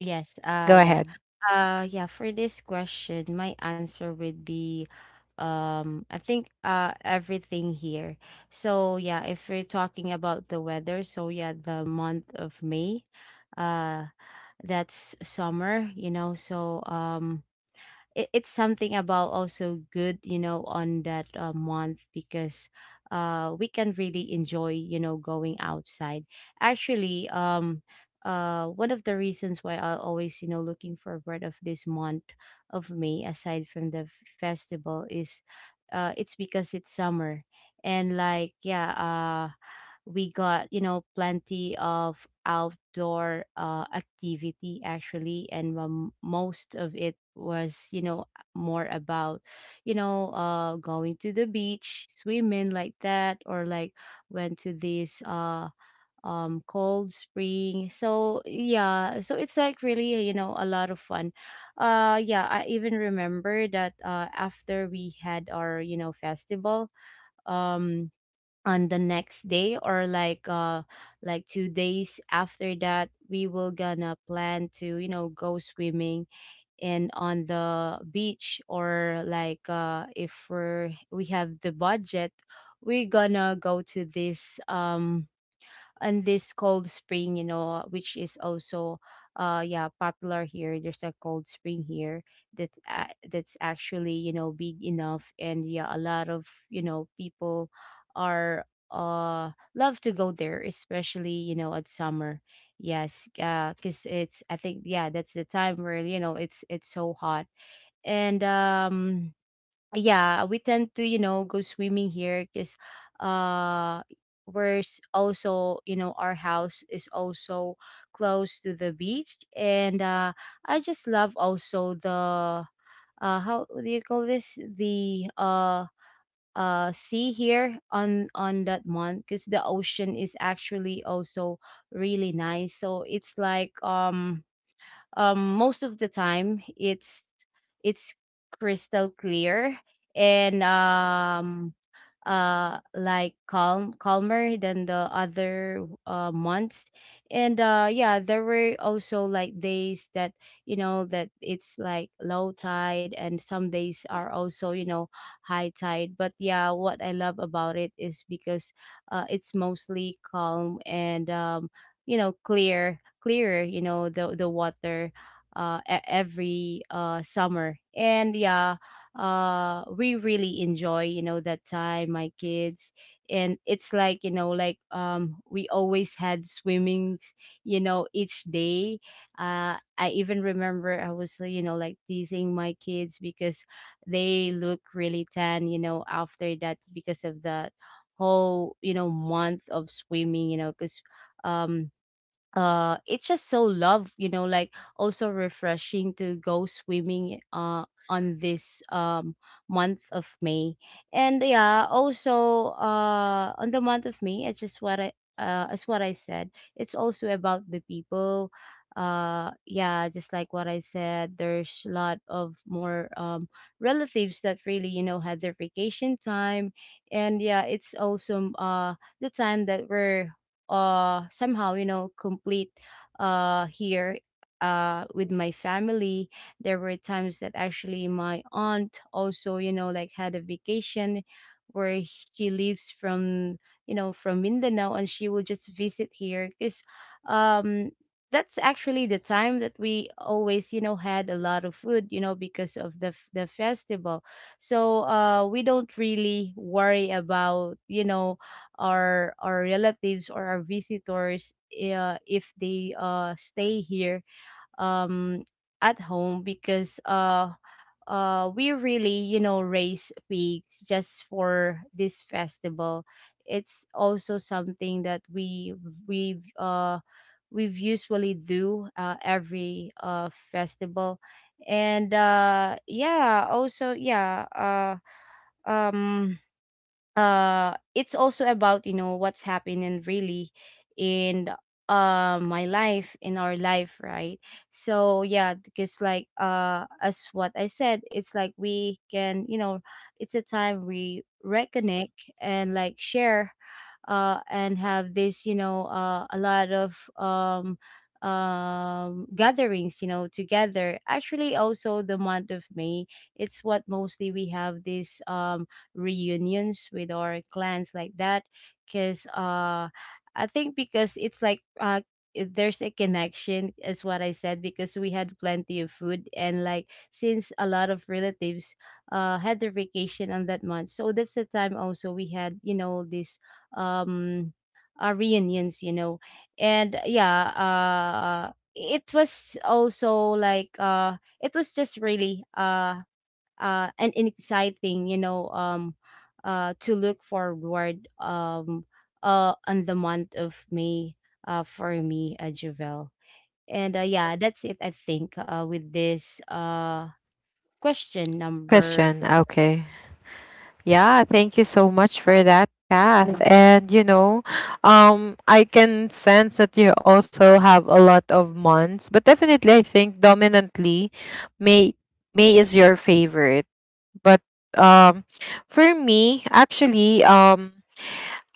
B: Yes. Uh
A: Go
B: yeah.
A: ahead.
B: Uh yeah, for this question, my answer would be um I think uh everything here. So yeah, if we're talking about the weather, so yeah, the month of May, uh that's summer, you know. So um it, it's something about also good you know on that uh, month. Because uh we can really enjoy you know going outside. Actually um uh one of the reasons why I always you know looking forward of this month of May, aside from the f- festival, is uh it's because it's summer. And like yeah uh, we got you know plenty of outdoor uh, activity actually. And um, most of it was you know more about, you know, uh going to the beach, swimming like that, or like went to this uh um cold spring. So yeah so it's like really you know a lot of fun. uh yeah I even remember that uh after we had our you know festival, um on the next day or like uh like two days after that we will gonna plan to you know go swimming. And on the beach, or like uh if we're we have the budget, we're gonna go to this um and this cold spring, you know, which is also uh yeah popular here. There's a cold spring here that, a, that's actually you know big enough. And yeah a lot of you know people are uh love to go there, especially you know at summer. Yes, uh because it's I think yeah that's the time where you know it's it's so hot. And um yeah we tend to you know go swimming here. Because uh we're s- also you know our house is also close to the beach. And uh I just love also the uh how do you call this, the uh uh sea here on on that month. Because the ocean is actually also really nice. So it's like, um um most of the time it's it's crystal clear. And um uh like calm, calmer than the other uh months. And uh yeah, there were also like days that, you know that it's like low tide. And some days are also, you know high tide. But yeah, what I love about it is because uh it's mostly calm. And um you know clear, clearer, you know the the water uh e- every uh summer. And yeah, uh we really enjoy, you know that time, my kids. And it's like, you know like, um we always had swimming, you know each day. uh I even remember I was, you know like teasing my kids because they look really tan, you know after that, because of that whole, you know month of swimming, you know because um uh it's just so love, you know like also refreshing to go swimming uh on this um month of May. And yeah, also uh on the month of May, it's just what I uh as what I said, it's also about the people. Uh yeah, just like what I said, there's a lot of more um relatives that really, you know had their vacation time. And yeah, it's also uh the time that we're uh somehow, you know complete uh here uh with my family. There were times that actually my aunt also, you know like, had a vacation where she lives from, you know from Mindanao. And she will just visit here because um that's actually the time that we always, you know had a lot of food, you know because of the f- the festival. So uh we don't really worry about, you know our our relatives or our visitors, uh, if they uh stay here um at home, because uh uh we really, you know raise pigs just for this festival. It's also something that we we uh we've usually do, uh, every uh festival. And uh yeah, also yeah, uh um uh it's also about, you know what's happening really in uh my life, in our life, right? So yeah, because like uh as what I said, it's like we can, you know it's a time we reconnect and like share, uh and have this, you know uh a lot of um um gatherings, you know together. Actually also the month of May, it's what mostly we have this, um reunions with our clans, like that. Because uh I think because it's like, uh it- there's a connection is what I said, because we had plenty of food and like, since a lot of relatives uh had their vacation on that month. So that's the time also we had, you know this, um uh, reunions you know And yeah, uh it was also like, uh it was just really, uh uh, and exciting, you know, um, uh, to look forward, um, uh, on the month of May, uh, for me, uh, Javel. And uh, yeah, that's it, I think, uh, with this, uh, question number.
A: Question. Okay. Yeah, thank you so much for that, Kath. And you know, um, I can sense that you also have a lot of months, but definitely, I think dominantly, May May is your favorite. But um, for me, actually, um,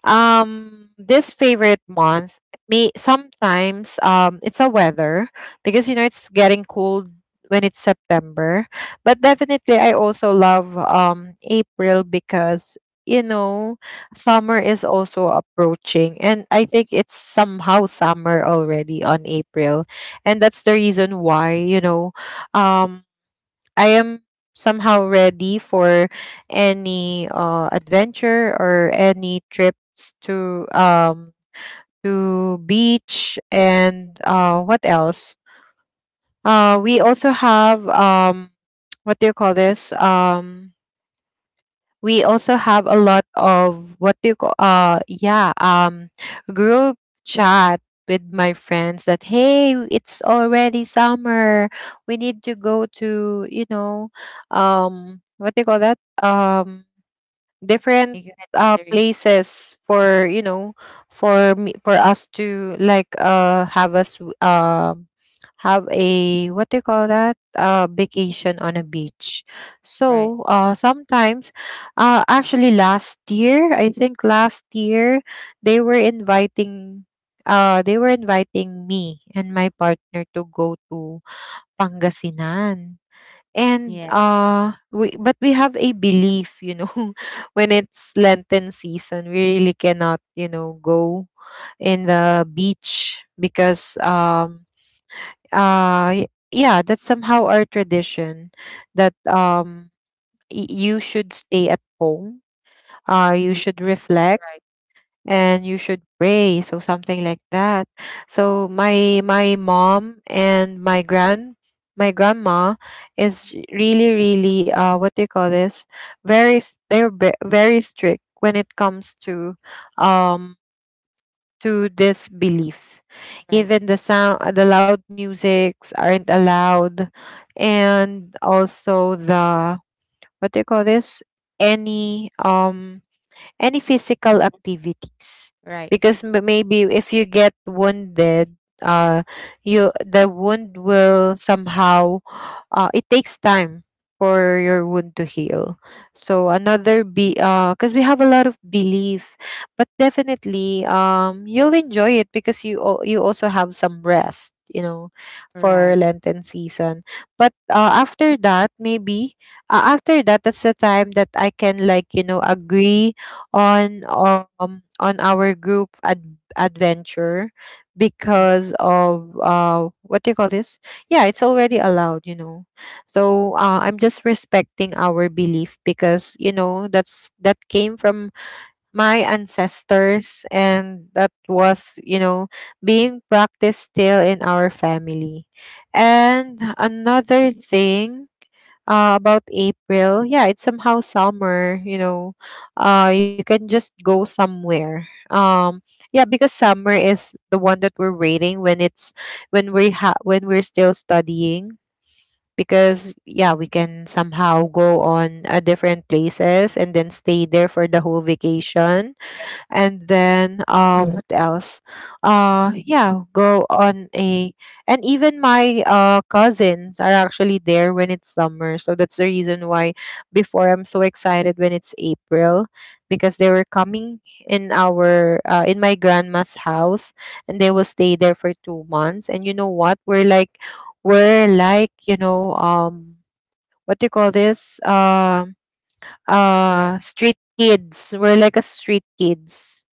A: um this favorite month, me, sometimes, um it's a weather because you know it's getting cold when it's September, but definitely I also love um April because, you know, summer is also approaching and I think it's somehow summer already on April. And that's the reason why, you know, um I am somehow ready for any uh, adventure or any trips to um to beach and uh, what else? Uh we also have um what do you call this? Um we also have a lot of what do you call uh yeah um group chat with my friends that hey, it's already summer, we need to go to, you know, um what do you call that um
B: Thank you.
A: different
B: Head
A: uh
B: gathering.
A: places
B: Mhm.
A: for, you know, for me, for us to like uh have us um have a what do you call that uh vacation on a beach.
B: Right.
A: So uh sometimes uh actually last year, i think last year they were inviting, uh they were inviting me and my partner to go to Pangasinan. And
B: Yeah.
A: uh we but we have a belief, you know. When it's Lenten season, we really cannot, you know, go in the beach because um uh y- yeah, that's somehow our tradition that um y- you should stay at home, uh you
B: Hmm.
A: should reflect,
B: Right.
A: and you should pray, so something like that. So my my mom and my grand my grandma is really, really uh what do you call this very s- they're ve- very strict when it comes to um to this belief.
B: Right.
A: Even the sound, the loud musics aren't allowed, and also the what do you call this any um any physical activities,
B: Right.
A: because m- maybe if you get wounded, uh you, the wound will somehow uh it takes time for your wound to heal. So another be uh because we have a lot of belief. But definitely, um you'll enjoy it because you al- you also have some rest, you know, for
B: Right.
A: Lenten season. But uh, after that maybe, uh, after that, that's the time that I can like, you know, agree on um on our group ad- adventure
B: Yeah.
A: because of uh what do you call this? Yeah, it's already allowed, you know. So uh, I'm just respecting our belief because, you know, that's, that came from my ancestors and that was, you know, being practiced still in our family. And another thing, uh, about April, yeah, it's somehow summer, you know, uh you can just go somewhere. Um yeah because summer is the one that we're waiting when it's, when we ha- when we're still studying, because yeah, we can somehow go on a different places and then stay there for the whole vacation. And then uh what else, uh yeah go on a, and even my uh cousins are actually there when it's summer. So that's the reason why before, I'm so excited when it's April, because they were coming in our uh, in my grandma's house, and they will stay there for two months. And you know what we're like, we're like you know um what do you call this um
B: Right.
A: uh street kids, we're like a street kids,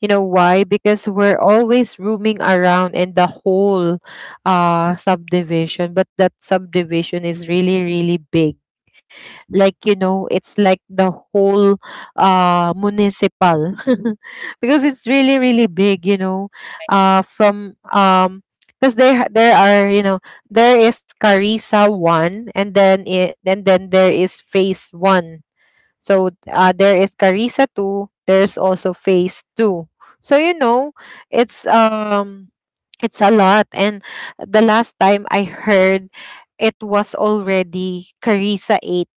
A: you know why? Because we're always roaming around in the whole uh subdivision, but that subdivision is really, really big. Like, you know, it's like the whole uh municipal, because it's really, really big, you know. Uh from um because there ha- There are, you know, there is Carissa one, and then it and then there is phase one. So uh, there is Carissa two, there's also Phase two. So you know, it's um it's a lot. And the last time I heard, it was already Carissa eight,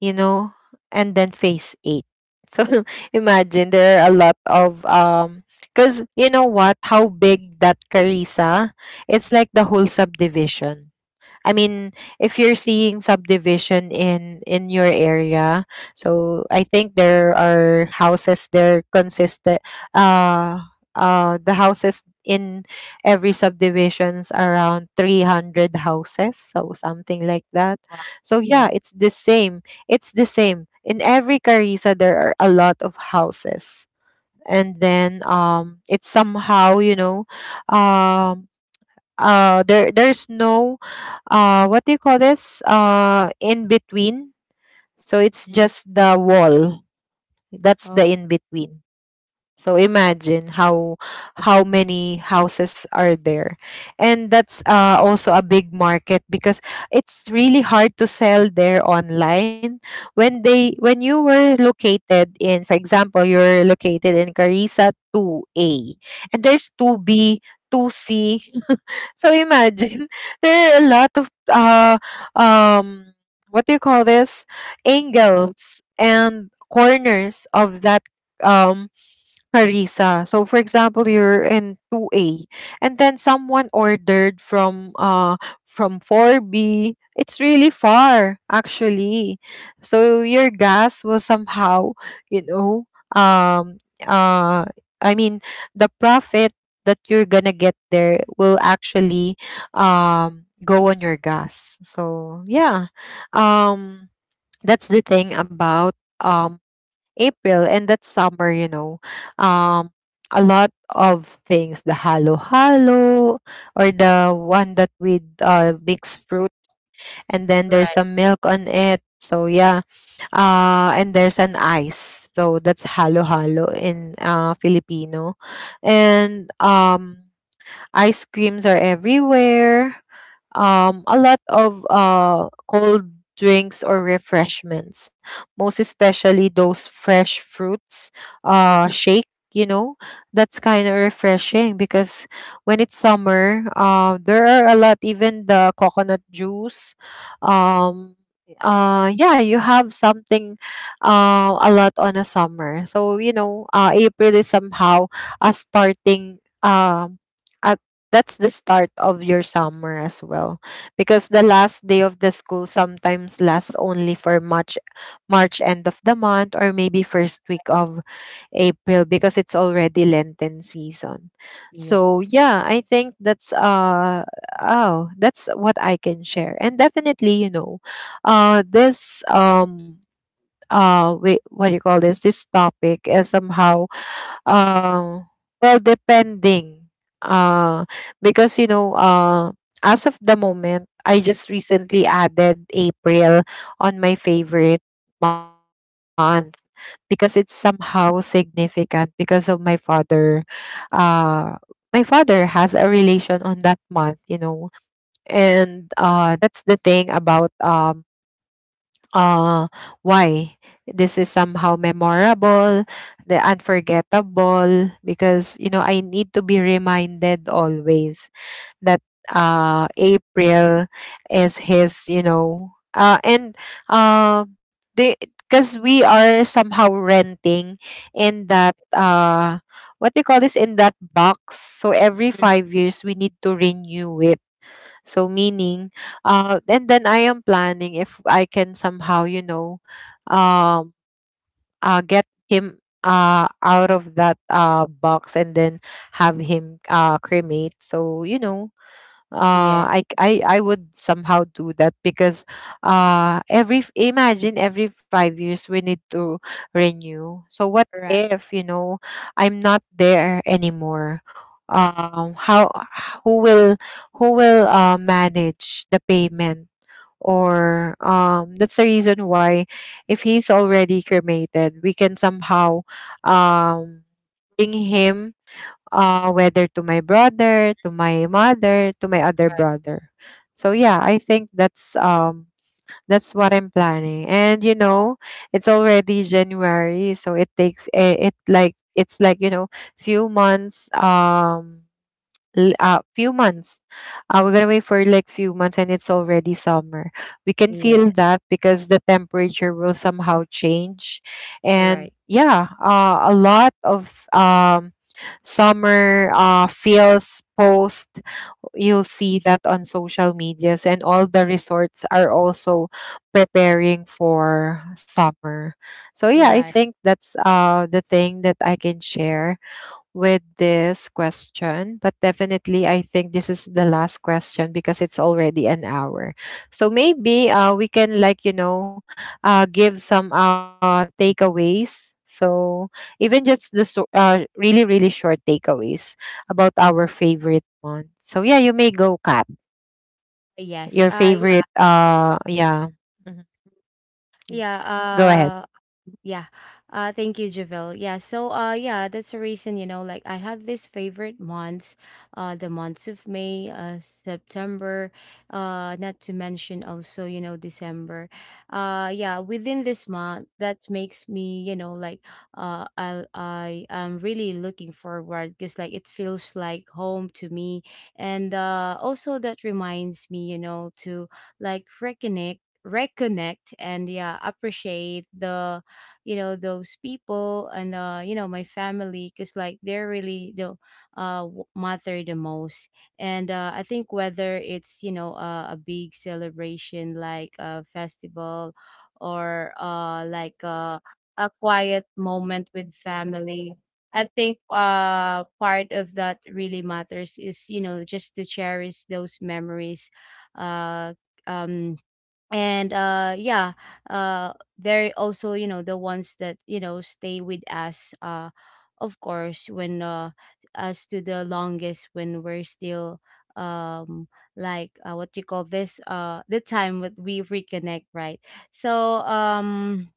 A: you know, and then Phase eight. So imagine there are a lot of um cuz you know what, how big that Carissa, it's like the whole subdivision. I mean, if you're seeing subdivision in in your area, so I think there are houses there consistent. Uh, uh, the houses in every subdivisions around three hundred houses, so something like that.
B: Wow.
A: So yeah,
B: Yeah.
A: it's the same, it's the same in every Carissa, there are a lot of houses. And then um it's somehow, you know, um uh there there's no uh what do you call this uh in between, so it's
B: Mhm.
A: just the wall, that's the
B: Oh.
A: in between. So imagine how how many houses are there. And that's uh, also a big market because it's really hard to sell there online when they when you were located in, for example, you're located in Carissa two A, and there's two B, two C. So imagine there are a lot of uh um what do you call this angles and corners of that, um Harissa. So for example, you're in two A and then someone ordered from uh from four B, it's really far actually. So your gas will somehow, you know, um uh I mean the profit that you're gonna get there will actually um go on your gas. So yeah. Um that's the thing about um April, and that's summer, you know. Um a lot of things, the halo halo, or the one that with uh mixed fruits, and then there's
B: Right.
A: some milk on it. So yeah. Uh and there's an ice. So that's halo halo in uh Filipino. And um ice creams are everywhere. Um, a lot of uh, cold drinks or refreshments, most especially those fresh fruits uh, shake. You know, that's kind of refreshing because when it's summer, uh, there are a lot, even the coconut juice. Um, uh, yeah, you have something uh, a lot on a summer. So, you know, uh, April is somehow a starting, um, a that's the start of your summer as well, because the last day of the school sometimes lasts only for March, March end of the month, or maybe first week of
B: Mm.
A: April because it's already Lenten season.
B: Yeah.
A: So yeah, I think that's uh oh that's what I can share. And definitely, you know, uh this um uh wait what do you call this this topic is somehow uh, well, depending. Uh, because you know, uh, as of the moment, I just recently added April on my favorite month because it's somehow significant because of my father. Uh, my father has a relation on that month, you know. And uh, that's the thing about um uh, why? This is somehow memorable, the unforgettable, because you know I need to be reminded always that uh April is his, you know, uh and uh they because we are somehow renting in that uh what we call this in that box. So every
B: Mm.
A: five years we need to renew it. So meaning, uh, and then I am planning if I can somehow, you know, um, uh, get him uh out of that uh box, and then have him uh cremate. So you know, uh
B: Yeah.
A: I, I, I would somehow do that because uh every f- imagine every five years we need to renew. So what
B: Right.
A: if, you know, I'm not there anymore, um how, who will, who will uh manage the payment, or um that's the reason why if he's already cremated, we can somehow um bring him, uh, whether to my brother, to my mother, to my other
B: Right.
A: brother. So yeah, I think that's um that's what I'm planning. And you know, it's already January, so it takes it, it like it's like you know, few months, um l- uh, few months. Uh, we're gonna wait for like few months, and it's already summer. We can feel
B: Yeah.
A: that because the temperature will somehow change. And
B: Right.
A: yeah, uh, a lot of um, summer uh, feels post. You'll see that on social medias, and all the resorts are also preparing for summer. So yeah, I
B: Right.
A: think that's uh the thing that I can share with this question. But definitely I think this is the last question because it's already an hour. So maybe uh, we can like, you know, uh, give some uh, takeaways. So even just the so- uh, really, really short takeaways about our favorite month. So yeah, you may go, Kat.
B: Yes.
A: Your
B: Uh
A: favorite uh yeah. Mhm.
B: Yeah, Mm.
A: Go ahead.
B: uh, yeah. Uh thank you, Javil. Yeah. So uh yeah, that's the reason, you know, like I have these favorite months, uh the months of May, uh September, uh not to mention also, you know, December. Uh yeah, within this month that makes me, you know, like, uh I I am really looking forward because like it feels like home to me. And uh also that reminds me, you know, to like reconnect reconnect and yeah appreciate the, you know those people, and uh you know my family because like they're really the, uh w- matter the most. And uh I think whether it's, you know uh, a big celebration like a festival, or uh like, uh, a quiet moment with family. I think uh part of that really matters is, you know just to cherish those memories. uh um and uh yeah, uh they're also, you know the ones that, you know stay with us, uh of course, when uh us to the longest when we're still, um like, uh, what you call this, uh the time that we reconnect, right? So um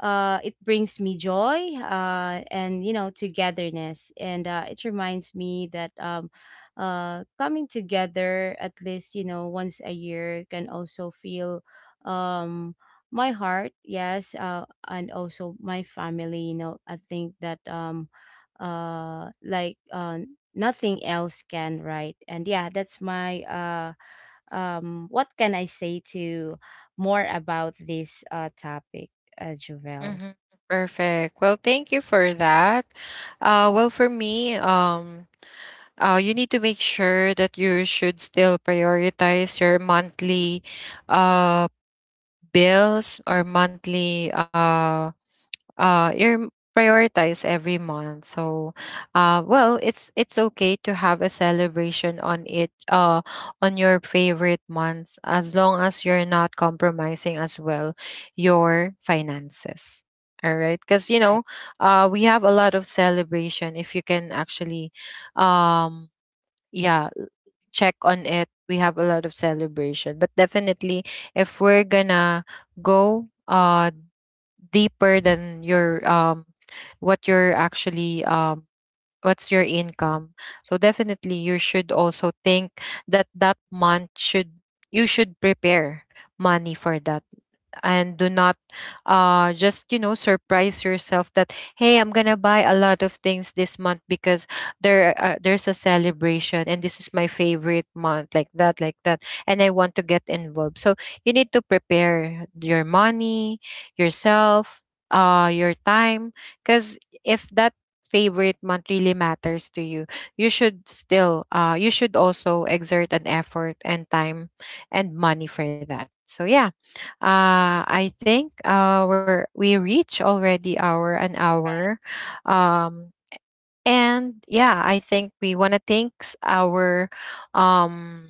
B: uh, it brings me joy, uh, and, you know togetherness, and uh, it reminds me that, um, uh, coming together at least, you know once a year can also feel, um, my heart. Yes, uh, and also my family, you know I think that, um, uh, like, uh, nothing else can, right? And yeah, that's my, uh, um, what can I say to more about this, uh, topic, uh, Jovel?
A: Mm-hmm. Perfect. Well, thank you for that. Uh, well, for me, um, uh, you need to make sure that you should still prioritize your monthly uh, bills or monthly, uh, uh, your m- prioritize every month. So uh, well, it's it's okay to have a celebration on it, uh, on your favorite months, as long as you're not compromising as well your finances, all right, because you
B: Right,
A: know uh, we have a lot of celebration. If you can actually um, yeah, check on it, we have a lot of celebration. But definitely, if we're gonna go uh deeper than your um what you're actually um what's your income, so definitely you should also think that that month should, you should prepare money for that, and do not uh, just you know surprise yourself that hey, I'm gonna buy a lot of things this month because there uh, there's a celebration and this is my favorite month, like that, like that, and I want to get involved. So you need to prepare your money, yourself, uh, your time, because if that favorite month really matters to you, you should still uh, you should also exert an effort and time and money for that. So yeah, uh, I think our we reach already our an hour. Um, and yeah, I think we want to thanks our um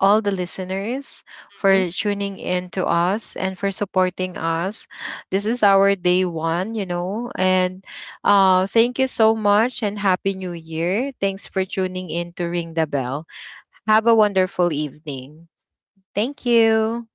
A: all the listeners
B: right.
A: for tuning in to us and for supporting us. This is our day one, you know. And uh, thank you so much and happy new year. Thanks for tuning in to Ring the Bell. Have a wonderful evening. Thank you.